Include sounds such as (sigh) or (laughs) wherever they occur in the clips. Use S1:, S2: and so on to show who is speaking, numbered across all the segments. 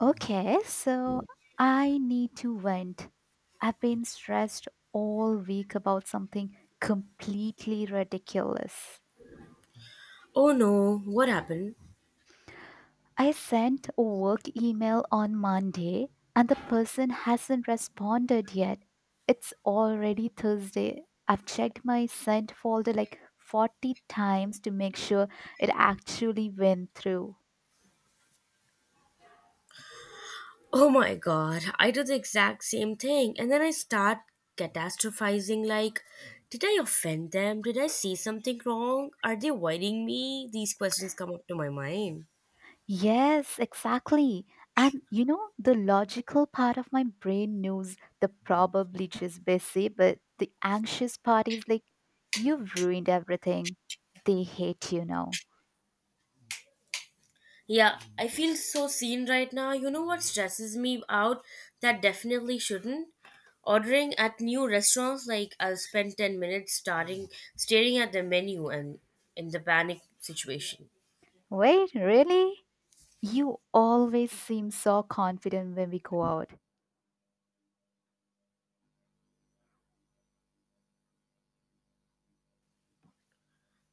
S1: Okay, so I need to vent. I've been stressed all week about something completely ridiculous.
S2: Oh no, what happened?
S1: I sent a work email on Monday and the person hasn't responded yet. It's already Thursday. I've checked my sent folder like 40 times to make sure it actually went through.
S2: Oh my god, I do the exact same thing and then I start catastrophizing like, did I offend them? Did I say something wrong? Are they avoiding me? These questions come up to my mind.
S1: Yes, exactly. The logical part of my brain knows the probably just busy, but the anxious part is like, you've ruined everything. They hate you now.
S2: Yeah, I feel so seen right now. You know what stresses me out that definitely shouldn't? Ordering at new restaurants, like I'll spend 10 minutes staring at the menu and in the panic situation.
S1: Wait, really? You always seem so confident when we go out.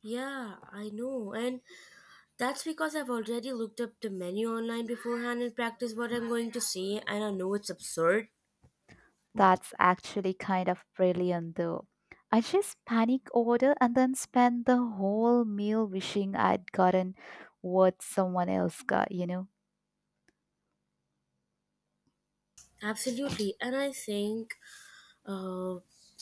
S2: Yeah, I know. And that's because I've already looked up the menu online beforehand and practiced what I'm going to say, and I know it's absurd.
S1: That's actually kind of brilliant, though. I just panic order and then spend the whole meal wishing I'd gotten what someone else got,
S2: Absolutely, and I think, uh,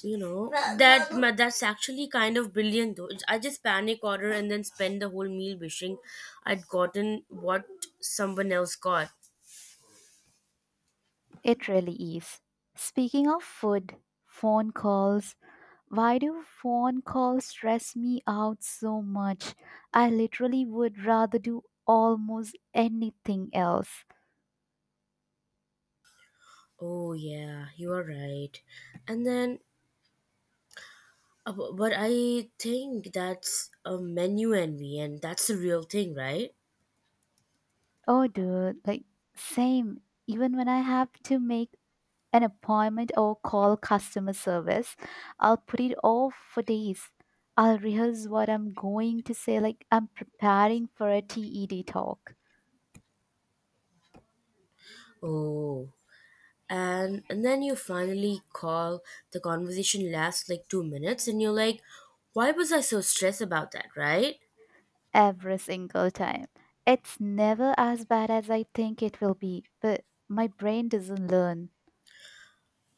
S2: you know, that's actually kind of brilliant though. It's, I just panic order and then spend the whole meal wishing I'd gotten what someone else got.
S1: It really is. Speaking of food, phone calls. Why do phone calls stress me out so much? I literally would rather do almost anything else.
S2: Oh yeah, you are right. And then, but I think that's a menu envy, and that's the real thing, right?
S1: Oh, dude, like, same. Even when I have to make an appointment or call customer service, I'll put it off for days. I'll rehearse what I'm going to say, like, I'm preparing for a TED talk.
S2: Oh, and then you finally call, the conversation lasts like 2 minutes and you're like, why was I so stressed about that, right?
S1: Every single time. It's never as bad as I think it will be, but my brain doesn't learn.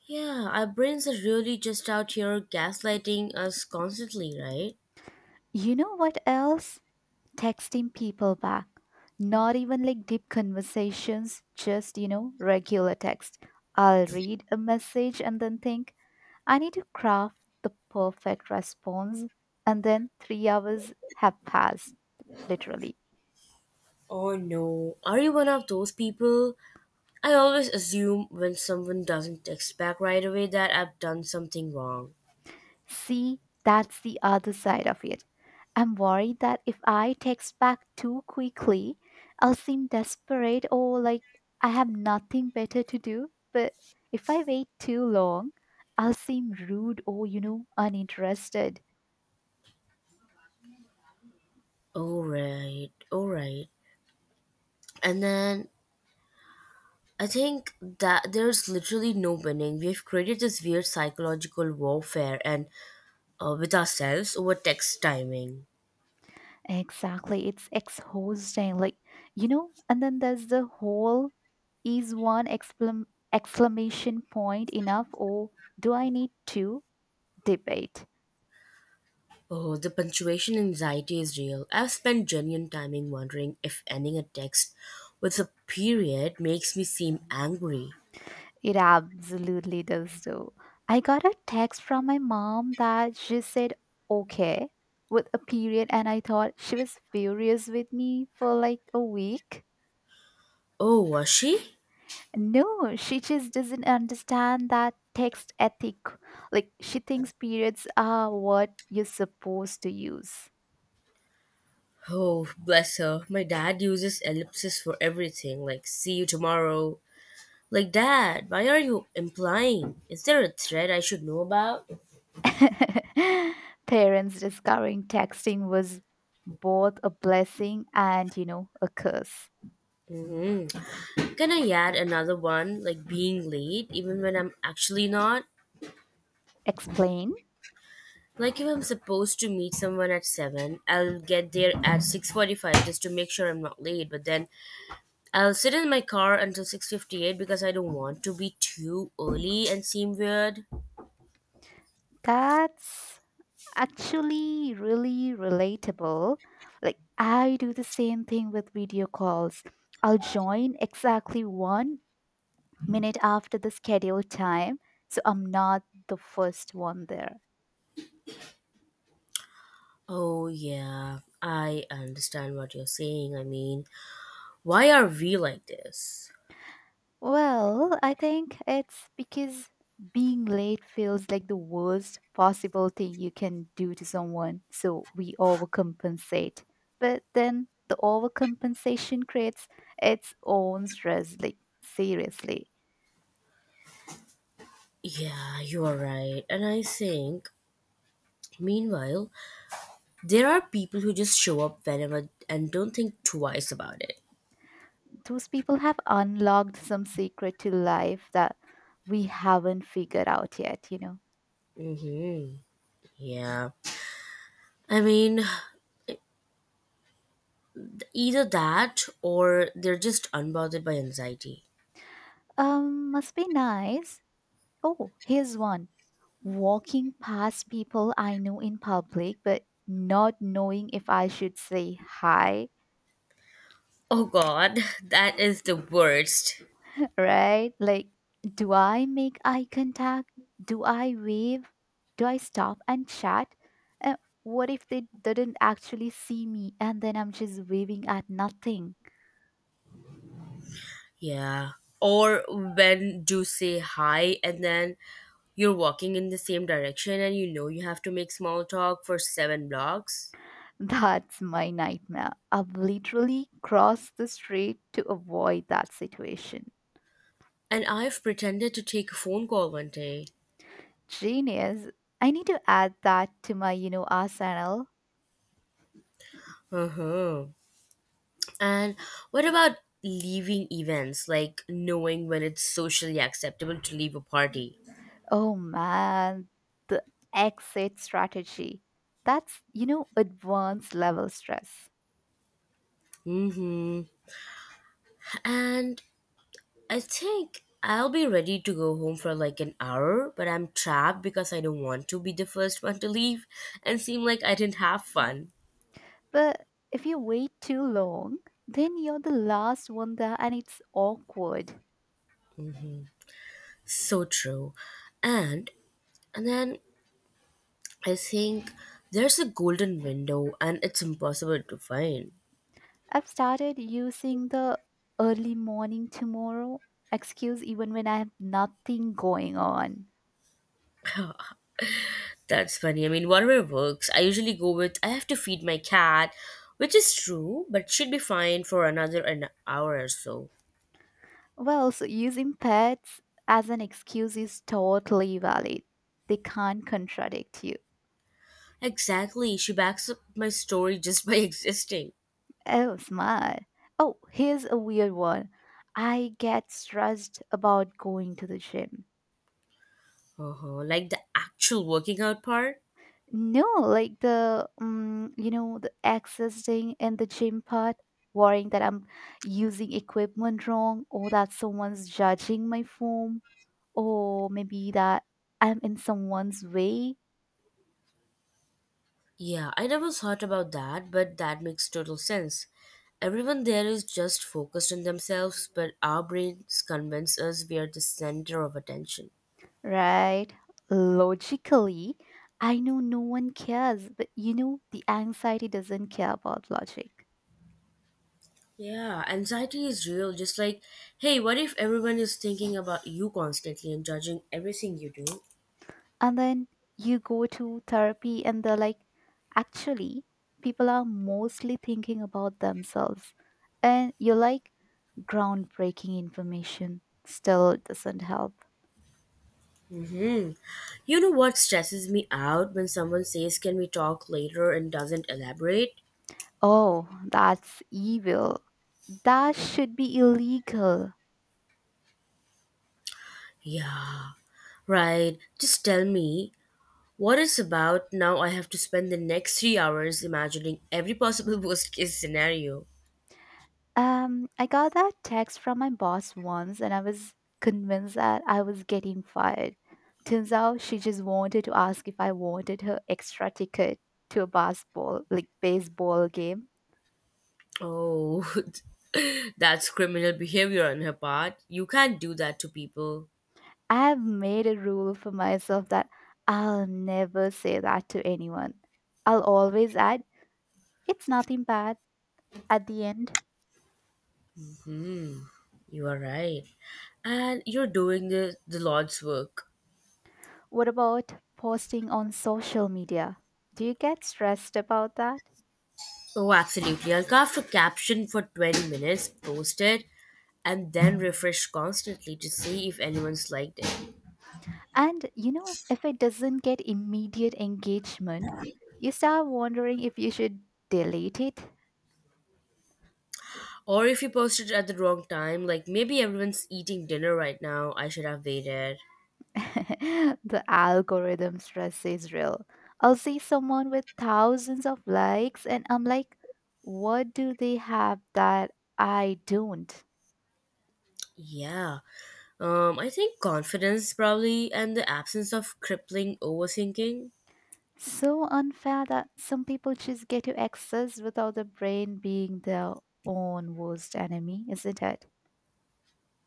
S2: Yeah, our brains are really just out here gaslighting us constantly, right?
S1: You know what else? Texting people back. Not even like deep conversations, just, regular text. I'll read a message and then think, I need to craft the perfect response. And then 3 hours have passed, literally.
S2: Oh no, are you one of those people? I always assume when someone doesn't text back right away that I've done something wrong.
S1: See, that's the other side of it. I'm worried that if I text back too quickly, I'll seem desperate or like I have nothing better to do. But if I wait too long, I'll seem rude or uninterested.
S2: All right, and then I think that there's literally no winning. We've created this weird psychological warfare, and with ourselves over text timing.
S1: Exactly. It's exhausting. Like, and then there's the whole is exclamation point enough or do I need two debate?
S2: Oh, the punctuation anxiety is real. I've spent genuine timing wondering if ending a text with a period makes me seem angry.
S1: It absolutely does, though. I got a text from my mom that she said okay with a period, and I thought she was furious with me for like a week.
S2: Oh, was she?
S1: No, she just doesn't understand that text ethic. Like, she thinks periods are what you're supposed to use.
S2: Oh, bless her. My dad uses ellipses for everything, like see you tomorrow. Like, Dad, why are you implying? Is there a thread I should know about?
S1: (laughs) Parents discovering texting was both a blessing and, a curse.
S2: Can I add another one, like being late, even when I'm actually not?
S1: Explain?
S2: Like if I'm supposed to meet someone at 7, I'll get there at 6:45 just to make sure I'm not late. But then I'll sit in my car until 6:58 because I don't want to be too early and seem weird.
S1: That's actually really relatable. Like, I do the same thing with video calls. I'll join exactly 1 minute after the scheduled time, so I'm not the first one there.
S2: Oh yeah, I understand what you're saying. I mean, why are we like this?
S1: Well, I think it's because being late feels like the worst possible thing you can do to someone, so we overcompensate. But then the overcompensation creates its own stress, like, seriously.
S2: Yeah, you are right. And I think, meanwhile, there are people who just show up whenever and don't think twice about it.
S1: Those people have unlocked some secret to life that we haven't figured out yet,
S2: Mhm. Yeah. I mean, either that or they're just unbothered by anxiety.
S1: Must be nice. Oh, here's one. Walking past people I know in public, but not knowing if I should say hi.
S2: Oh god, (laughs) that is the worst.
S1: (laughs) Right? Like, do I make eye contact? Do I wave? Do I stop and chat? Uh, what if they didn't actually see me and then I'm just waving at nothing?
S2: Yeah. Or when do say hi and then you're walking in the same direction and you know you have to make small talk for 7 blocks.
S1: That's my nightmare. I've literally crossed the street to avoid that situation.
S2: And I've pretended to take a phone call one day.
S1: Genius. I need to add that to my, arsenal.
S2: Uh huh. And what about leaving events, like knowing when it's socially acceptable to leave a party?
S1: Oh man, the exit strategy. That's, advanced level stress.
S2: Mm hmm. And I think I'll be ready to go home for like an hour, but I'm trapped because I don't want to be the first one to leave and seem like I didn't have fun.
S1: But if you wait too long, then you're the last one there and it's awkward.
S2: So true. And and then I think there's a golden window and it's impossible to find.
S1: I've started using the early morning tomorrow excuse even when I have nothing going on.
S2: That's funny. I mean, whatever works. I usually go with I have to feed my cat, which is true, but should be fine for another an hour or so.
S1: Well, so using pets as an excuse is totally valid. They can't contradict you.
S2: Exactly. She backs up my story just by (laughs) existing.
S1: Oh, smart. Oh, here's a weird one. I get stressed about going to the gym.
S2: Uh-huh. Like the actual working out part?
S1: No, like the the existing in the gym part, worrying that I'm using equipment wrong or that someone's judging my form or maybe that I'm in someone's way.
S2: Yeah, I never thought about that, but that makes total sense. Everyone there is just focused on themselves, but our brains convince us we are the center of attention.
S1: Right. Logically, I know no one cares, but the anxiety doesn't care about logic.
S2: Yeah, anxiety is real. Just like, hey, what if everyone is thinking about you constantly and judging everything you do?
S1: And then you go to therapy, and they're like, actually, people are mostly thinking about themselves. And you're like, groundbreaking information still doesn't help.
S2: You know what stresses me out when someone says, can we talk later and doesn't elaborate?
S1: Oh, that's evil. That should be illegal.
S2: Yeah, right. Just tell me, what it's about now, I have to spend the next 3 hours imagining every possible (laughs) worst case scenario.
S1: I got that text from my boss once and I was convinced that I was getting fired. Turns out she just wanted to ask if I wanted her extra ticket to a basketball, like baseball game.
S2: Oh, (laughs) that's criminal behavior on her part. You can't do that to people.
S1: I have made a rule for myself that I'll never say that to anyone. I'll always add, it's nothing bad at the end.
S2: You are right. And you're doing the Lord's work.
S1: What about posting on social media? Do you get stressed about that?
S2: Oh, absolutely. I'll craft a caption for 20 minutes, post it, and then refresh constantly to see if anyone's liked it.
S1: If it doesn't get immediate engagement, you start wondering if you should delete it.
S2: Or if you posted at the wrong time, like maybe everyone's eating dinner right now, I should have waited.
S1: (laughs) The algorithm stress is real. I'll see someone with thousands of likes, and I'm like, what do they have that I don't?
S2: Yeah. I think confidence probably, and the absence of crippling overthinking.
S1: So unfair that some people just get to access without the brain being their own worst enemy, isn't it?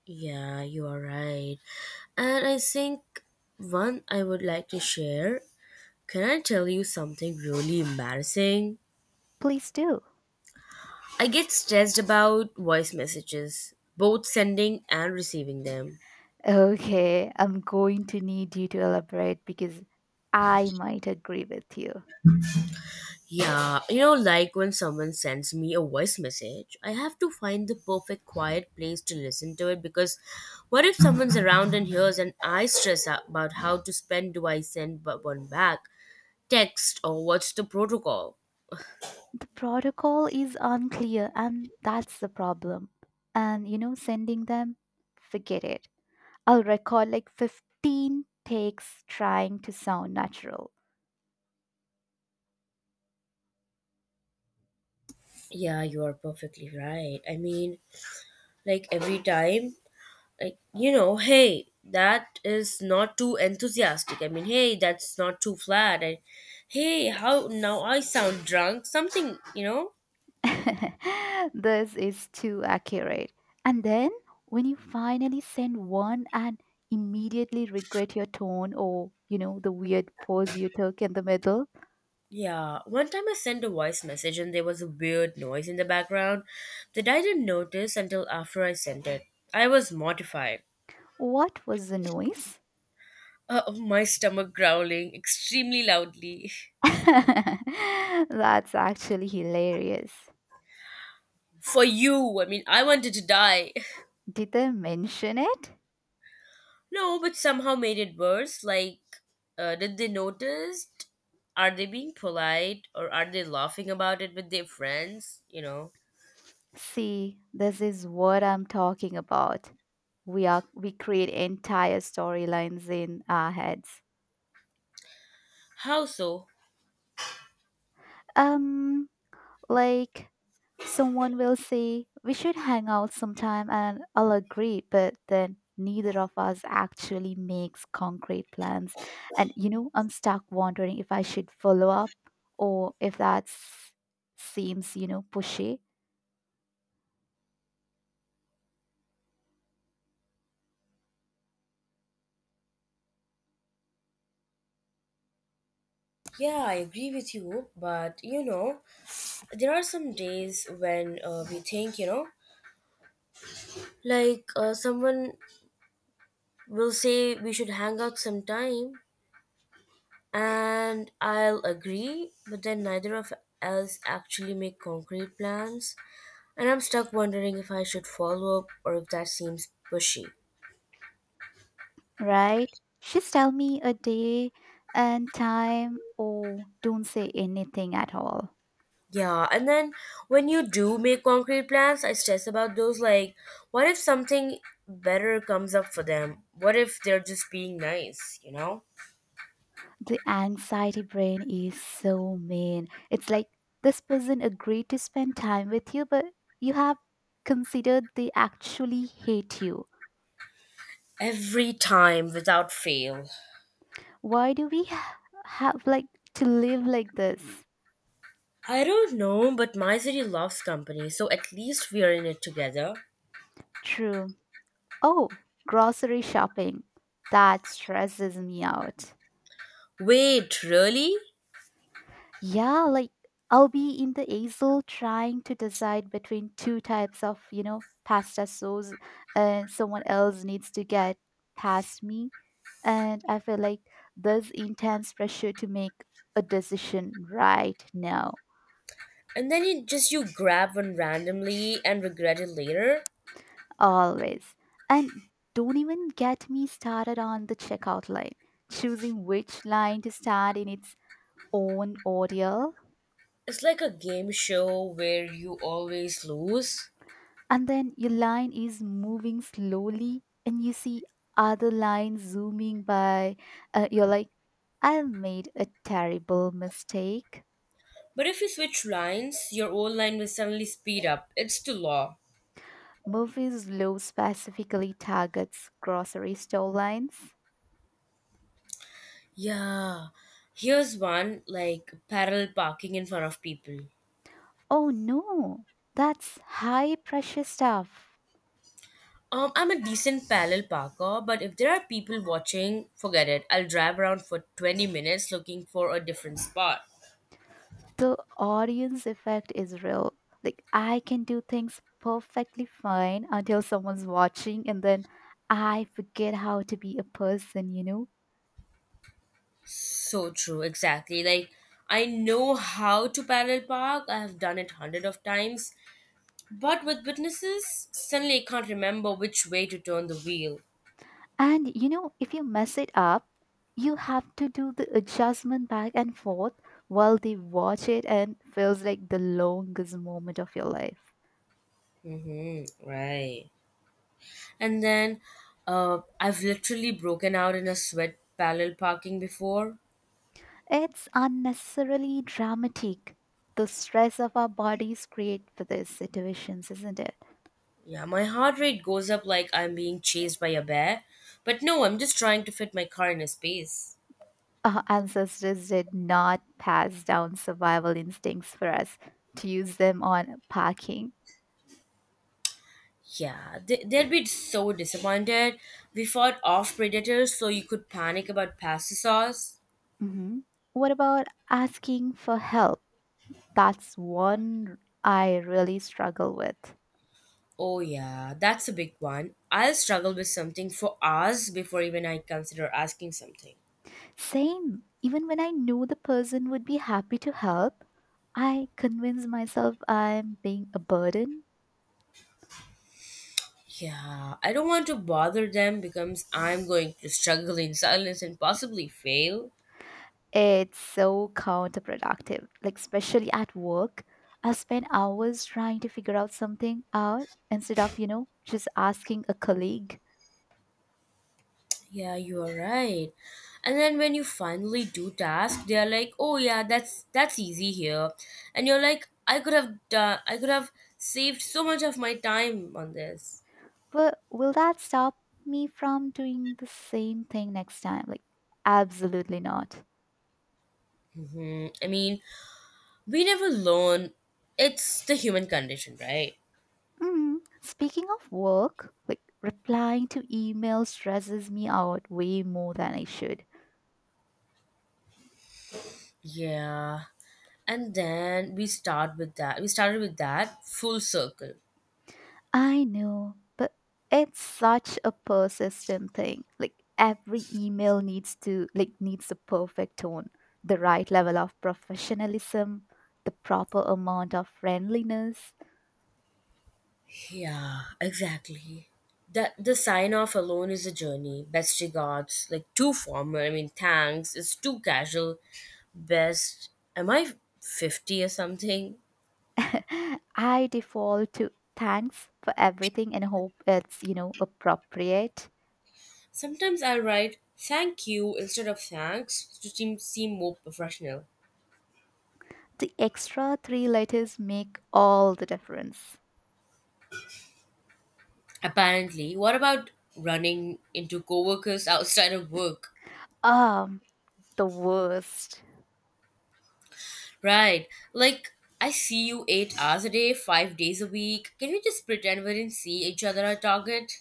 S2: Yeah, you are right. And I think one I would like to share. Can I tell you something really embarrassing?
S1: Please do.
S2: I get stressed about voice messages, both sending and receiving them.
S1: Okay, I'm going to need you to elaborate because I might agree with you.
S2: Yeah, you know, like when someone sends me a voice message, I have to find the perfect quiet place to listen to it because what if someone's around and hears, and I stress out about how to spend, do I send one back? Text or what's the protocol?
S1: The protocol is unclear, and that's the problem. Sending them, forget it. I'll record like 15 takes trying to sound natural.
S2: Yeah, you are perfectly right. I mean, like every time, like, you know, hey, that is not too enthusiastic. I mean, hey, that's not too flat. I, hey, how now I sound drunk? Something, you know?
S1: (laughs) This is too accurate. And then when you finally send one and immediately regret your tone or the weird pause you took in the middle,
S2: Yeah, one time I sent a voice message and there was a weird noise in the background that I didn't notice until after I sent it. I was mortified.
S1: what was the noise?
S2: My stomach growling extremely loudly.
S1: (laughs) That's actually hilarious.
S2: (laughs) For you, I mean, I wanted to die. (laughs)
S1: Did I mention it?
S2: No, but somehow made it worse. Like, did they notice? Are they being polite or are they laughing about it with their friends? You know,
S1: See, this is what I'm talking about. We create entire storylines in our heads.
S2: how so?
S1: Um Like, someone will say, we should hang out sometime, and I'll agree, but then neither of us actually makes concrete plans. I'm stuck wondering if I should follow up or if that seems, pushy,
S2: Yeah, I agree with you, but you know, there are some days when we think, you know, like someone will say we should hang out sometime, and I'll agree, but then neither of us actually make concrete plans, and I'm stuck wondering if I should follow up or if that seems pushy.
S1: right? Just tell me a day and time or don't say anything at all.
S2: Yeah, and then when you do make concrete plans, I stress about those like, what if something better comes up for them? What if they're just being nice, you know?
S1: The anxiety brain is so mean. It's like this person agreed to spend time with you, but you have considered they actually hate you.
S2: Every time without fail.
S1: Why do have like to live like this?
S2: I don't know, but my city loves company, so at least we are in it together.
S1: True. Oh, grocery shopping. That stresses me out.
S2: Wait, really?
S1: Yeah, like I'll be in the aisle trying to decide between two types of, pasta sauce, and someone else needs to get past me. And I feel like there's intense pressure to make a decision right now,
S2: And then you just you grab one randomly and regret it later?
S1: always. And don't even get me started on the checkout line. Choosing which line to start in its own order,
S2: It's like a game show where you always lose.
S1: and then your line is moving slowly and you see other lines zooming by. You're like I made a terrible mistake.
S2: But if you switch lines, your old line will suddenly speed up. It's the law.
S1: Movies law specifically targets grocery store lines.
S2: Yeah. Here's one, like parallel parking in front of people.
S1: Oh no, that's high pressure stuff.
S2: I'm a decent parallel parker, but if there are people watching, forget it. I'll drive around for 20 minutes looking for a different spot.
S1: The audience effect is real. Like, I can do things perfectly fine until someone's watching and then I forget how to be a person,
S2: So true, exactly. Like, I know how to parallel park, I have done it hundred of times, but with witnesses, suddenly I can't remember which way to turn the wheel.
S1: And if you mess it up, you have to do the adjustment back and forth while they watch it and feels like the longest moment of your life.
S2: Mm-hmm, right. And then I've literally broken out in a sweat parallel parking before.
S1: It's unnecessarily dramatic. The stress of our bodies create for these situations, isn't it?
S2: Yeah, my heart rate goes up like I'm being chased by a bear. But no, I'm just trying to fit my car in a space.
S1: Our ancestors did not pass down survival instincts for us to use them on packing.
S2: Yeah, they'd be so disappointed. We fought off predators so you could panic about pasta sauce.
S1: Hmm. What about asking for help? That's one I really struggle with.
S2: Oh, yeah, that's a big one. I'll struggle with something for hours before even I consider asking something.
S1: Same. Even when I know the person would be happy to help, I convince myself I'm being a burden.
S2: Yeah, I don't want to bother them because I'm going to struggle in silence and possibly fail.
S1: It's so counterproductive. Like, especially at work, I spend hours trying to figure out something out instead of, just asking a colleague.
S2: Yeah, you are right. And then when you finally do task, they are like, "Oh yeah, that's easy here," and you're like, "I could have done. I could have saved so much of my time on this."
S1: But will that stop me from doing the same thing next time? Like, absolutely not.
S2: Hmm, I mean, we never learn. It's the human condition, right?
S1: Mm. Speaking of work, like replying to emails stresses me out way more than I should.
S2: Yeah. And then we start with that. We started with that full circle.
S1: I know, but it's such a persistent thing. Like every email needs to like needs the perfect tone, the right level of professionalism, the proper amount of friendliness.
S2: Yeah, exactly. That the sign off alone is a journey. Best regards, like too formal. I mean, thanks is too casual. Best, am I 50 or something?
S1: (laughs) I default to thanks for everything and hope it's, appropriate.
S2: Sometimes I write thank you instead of thanks to seem seem more professional.
S1: The extra three letters make all the difference.
S2: Apparently, what about running into coworkers outside of work?
S1: Um, the worst.
S2: Right, like I see you 8 hours a day, 5 days a week. Can we just pretend we didn't see each other at Target?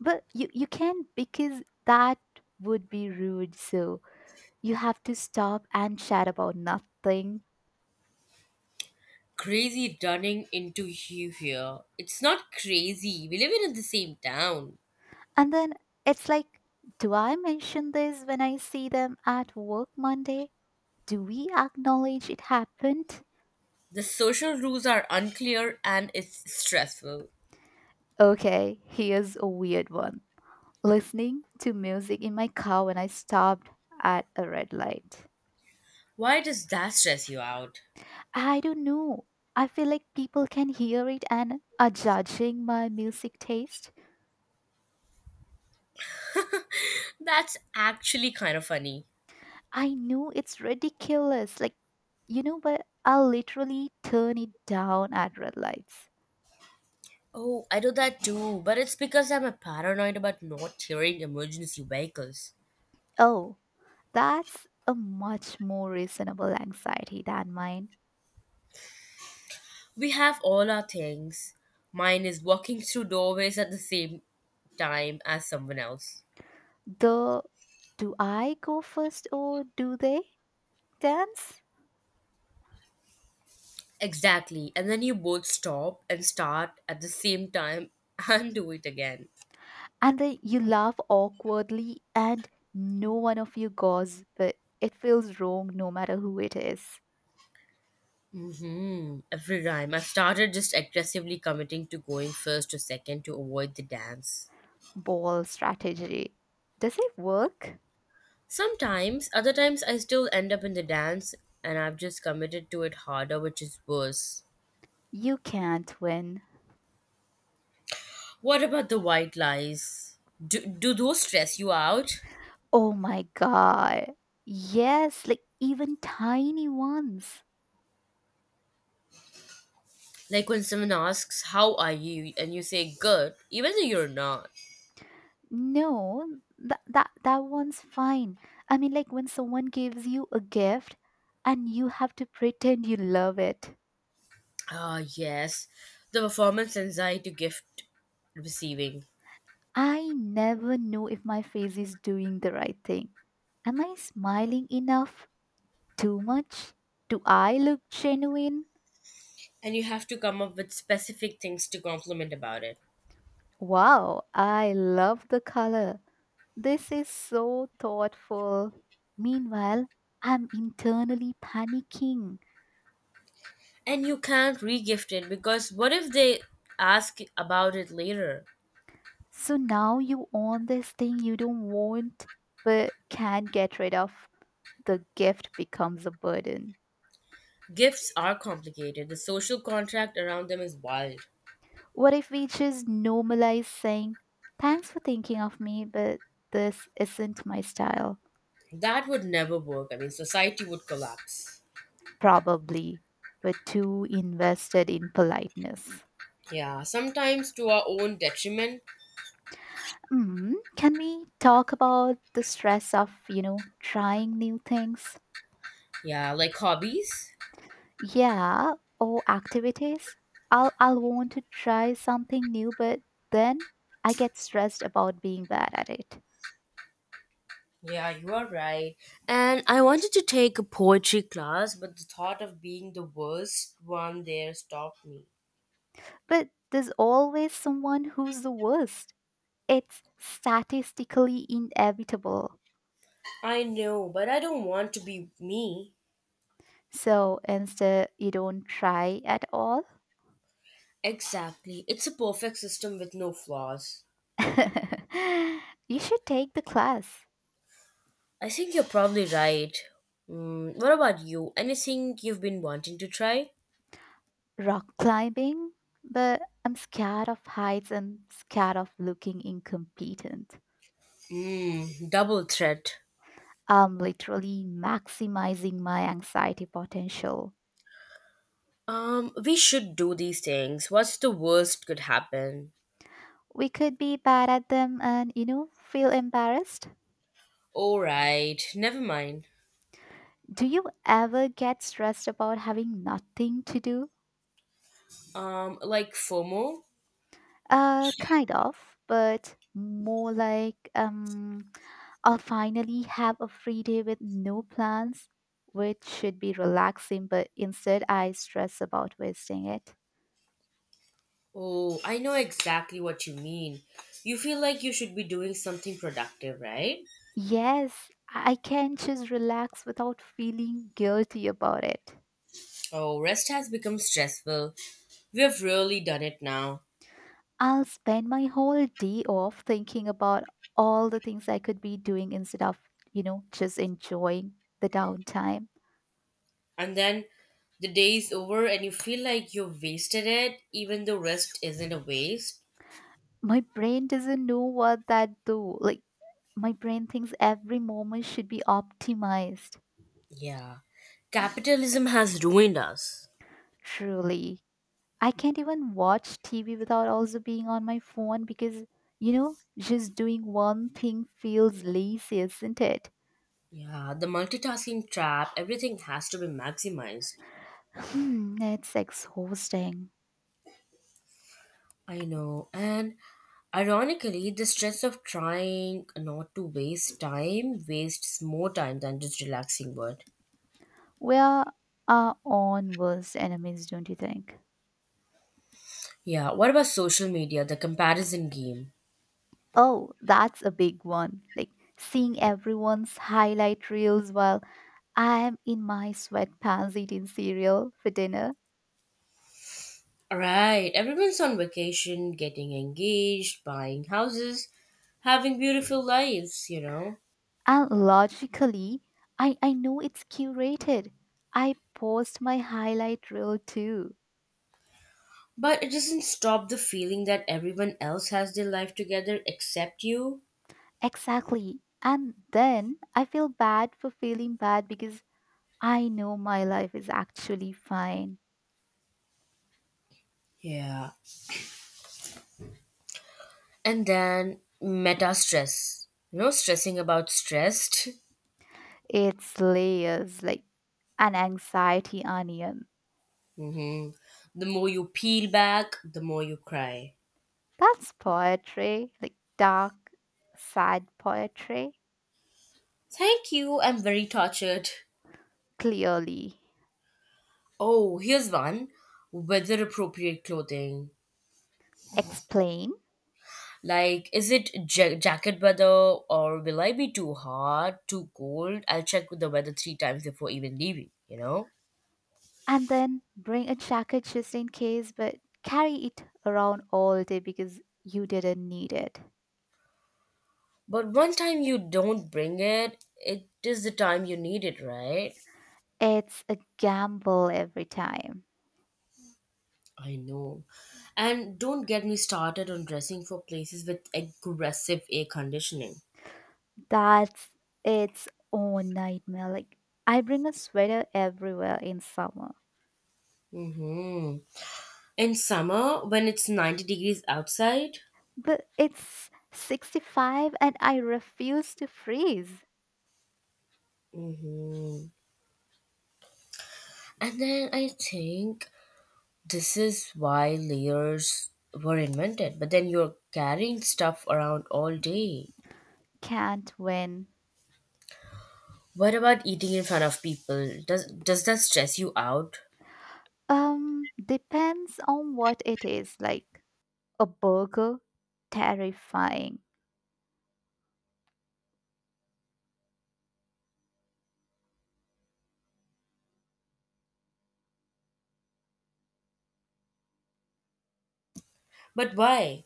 S1: But you can't because that would be rude. So you have to stop and chat about nothing.
S2: Crazy running into you here. It's not crazy. We live in the same town.
S1: And then it's like, do I mention this when I see them at work Monday? Do we acknowledge it happened?
S2: The social rules are unclear and it's stressful.
S1: Okay, here's a weird one. Listening to music in my car when I stopped at a red light.
S2: Why does that stress you out?
S1: I don't know. I feel like people can hear it and are judging my music taste.
S2: That's actually kind of funny.
S1: I know it's ridiculous, like, but I'll literally turn it down at red lights.
S2: Oh, I do that too, but it's because I'm a paranoid about not hearing emergency vehicles.
S1: Oh, that's a much more reasonable anxiety than mine.
S2: We have all our things. Mine is walking through doorways at the same time as someone else.
S1: The do I go first or do they dance?
S2: Exactly. And then you both stop and start at the same time (laughs) and do it again.
S1: And then you laugh awkwardly and no one of you goes, but it feels wrong no matter who it is.
S2: Hmm. Every time. I started just aggressively committing to going first to second to avoid the dance.
S1: Ball strategy. Does it work?
S2: Sometimes, other times, I still end up in the dance and I've just committed to it harder, which is worse.
S1: You can't win.
S2: What about the white lies? Do those stress you out?
S1: Oh my god. Yes, like even tiny ones.
S2: Like when someone asks, how are you? And you say, good, even though you're not.
S1: No, that one's fine. I mean like when someone gives you a gift and you have to pretend you love it.
S2: Ah, yes, the performance anxiety gift receiving.
S1: I never know if my face is doing the right thing. Am I smiling enough? Too much? Do I look genuine?
S2: And you have to come up with specific things to compliment about it.
S1: Wow, I love the color. This is so thoughtful. Meanwhile, I'm internally panicking.
S2: And you can't re gift it because what if they ask about it later?
S1: So now you own this thing you don't want but can't get rid of. The gift becomes a burden.
S2: Gifts are complicated, the social contract around them is wild.
S1: What if we just normalize saying, thanks for thinking of me, but this isn't my style?
S2: That would never work. I mean, society would collapse.
S1: Probably. We're too invested in politeness.
S2: Yeah, sometimes to our own detriment.
S1: Mm, can we talk about the stress of, trying new things?
S2: Yeah, like hobbies.
S1: Yeah, or activities. I'll want to try something new, but then I get stressed about being bad at it.
S2: Yeah, you are right. And I wanted to take a poetry class, but the thought of being the worst one there stopped me.
S1: But there's always someone who's the worst. It's statistically inevitable.
S2: I know, but I don't want to be me.
S1: So instead, you don't try at all.
S2: Exactly. It's a perfect system with no flaws.
S1: (laughs) You should take the class.
S2: I think you're probably right. Mm, what about you? Anything you've been wanting to try?
S1: Rock climbing, but I'm scared of heights and scared of looking incompetent.
S2: Mm, double threat.
S1: I'm literally maximizing my anxiety potential.
S2: We should do these things. What's the worst could happen?
S1: We could be bad at them and, feel embarrassed.
S2: All right, never mind.
S1: Do you ever get stressed about having nothing to do?
S2: Like FOMO?
S1: Kind of, but more like, I'll finally have a free day with no plans, which should be relaxing, but instead I stress about wasting it.
S2: Oh, I know exactly what you mean. You feel like you should be doing something productive, right?
S1: Yes, I can just relax without feeling guilty about it.
S2: Oh, rest has become stressful. We have really done it now.
S1: I'll spend my whole day off thinking about all the things I could be doing instead of, just enjoying the downtime.
S2: And then the day is over and you feel like you've wasted it, even though rest isn't a waste.
S1: My brain doesn't know what that do. Like my brain thinks every moment should be optimized.
S2: Yeah. Capitalism has ruined us.
S1: Truly. I can't even watch TV without also being on my phone because, just doing one thing feels lazy, isn't it?
S2: Yeah, the multitasking trap, everything has to be maximized.
S1: Hmm, it's exhausting.
S2: I know. And ironically, the stress of trying not to waste time wastes more time than just relaxing would.
S1: Where are on worst enemies, don't you think?
S2: Yeah, what about social media, the comparison game?
S1: Oh, that's a big one. Like seeing everyone's highlight reels while I am in my sweatpants eating cereal for dinner.
S2: Right, everyone's on vacation, getting engaged, buying houses, having beautiful lives, you know.
S1: And logically, I know it's curated. I post my highlight reel too.
S2: But it doesn't stop the feeling that everyone else has their life together except you.
S1: Exactly. And then I feel bad for feeling bad because I know my life is actually fine.
S2: Yeah. And then meta stress. You know, stressing about stressed. (laughs)
S1: It's layers like an anxiety onion.
S2: Hmm. The more you peel back, the more you cry.
S1: That's poetry, like dark, sad poetry.
S2: Thank you, I'm very tortured.
S1: Clearly.
S2: Oh, here's one, weather appropriate clothing.
S1: Explain
S2: Like, is it jacket weather or will I be too hot, too cold? I'll check with the weather 3 times before even leaving, you know?
S1: and then bring a jacket just in case, but carry it around all day because you didn't need it.
S2: But one time you don't bring it, it is the time you need it, right?
S1: It's a gamble every time.
S2: I know. And don't get me started on dressing for places with aggressive air conditioning.
S1: That's its own nightmare. Like, I bring a sweater everywhere in summer.
S2: Mm-hmm. In summer, when it's 90 degrees outside.
S1: But it's 65 and I refuse to freeze.
S2: Mm-hmm. And then I think this is why layers were invented, but then you're carrying stuff around all day.
S1: Can't win.
S2: What about eating in front of people? Does that stress you out?
S1: Depends on what it is. Like a burger, terrifying.
S2: But why?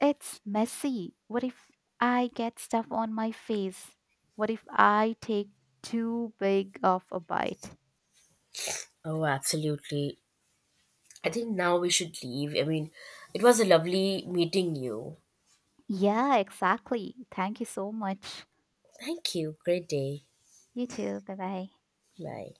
S1: It's messy. What if I get stuff on my face? What if I take too big of a bite?
S2: Oh, absolutely. I think now we should leave. I mean, it was a lovely meeting you.
S1: Yeah, exactly. Thank you so much.
S2: Thank you. Great day.
S1: You too. Bye bye.
S2: Bye.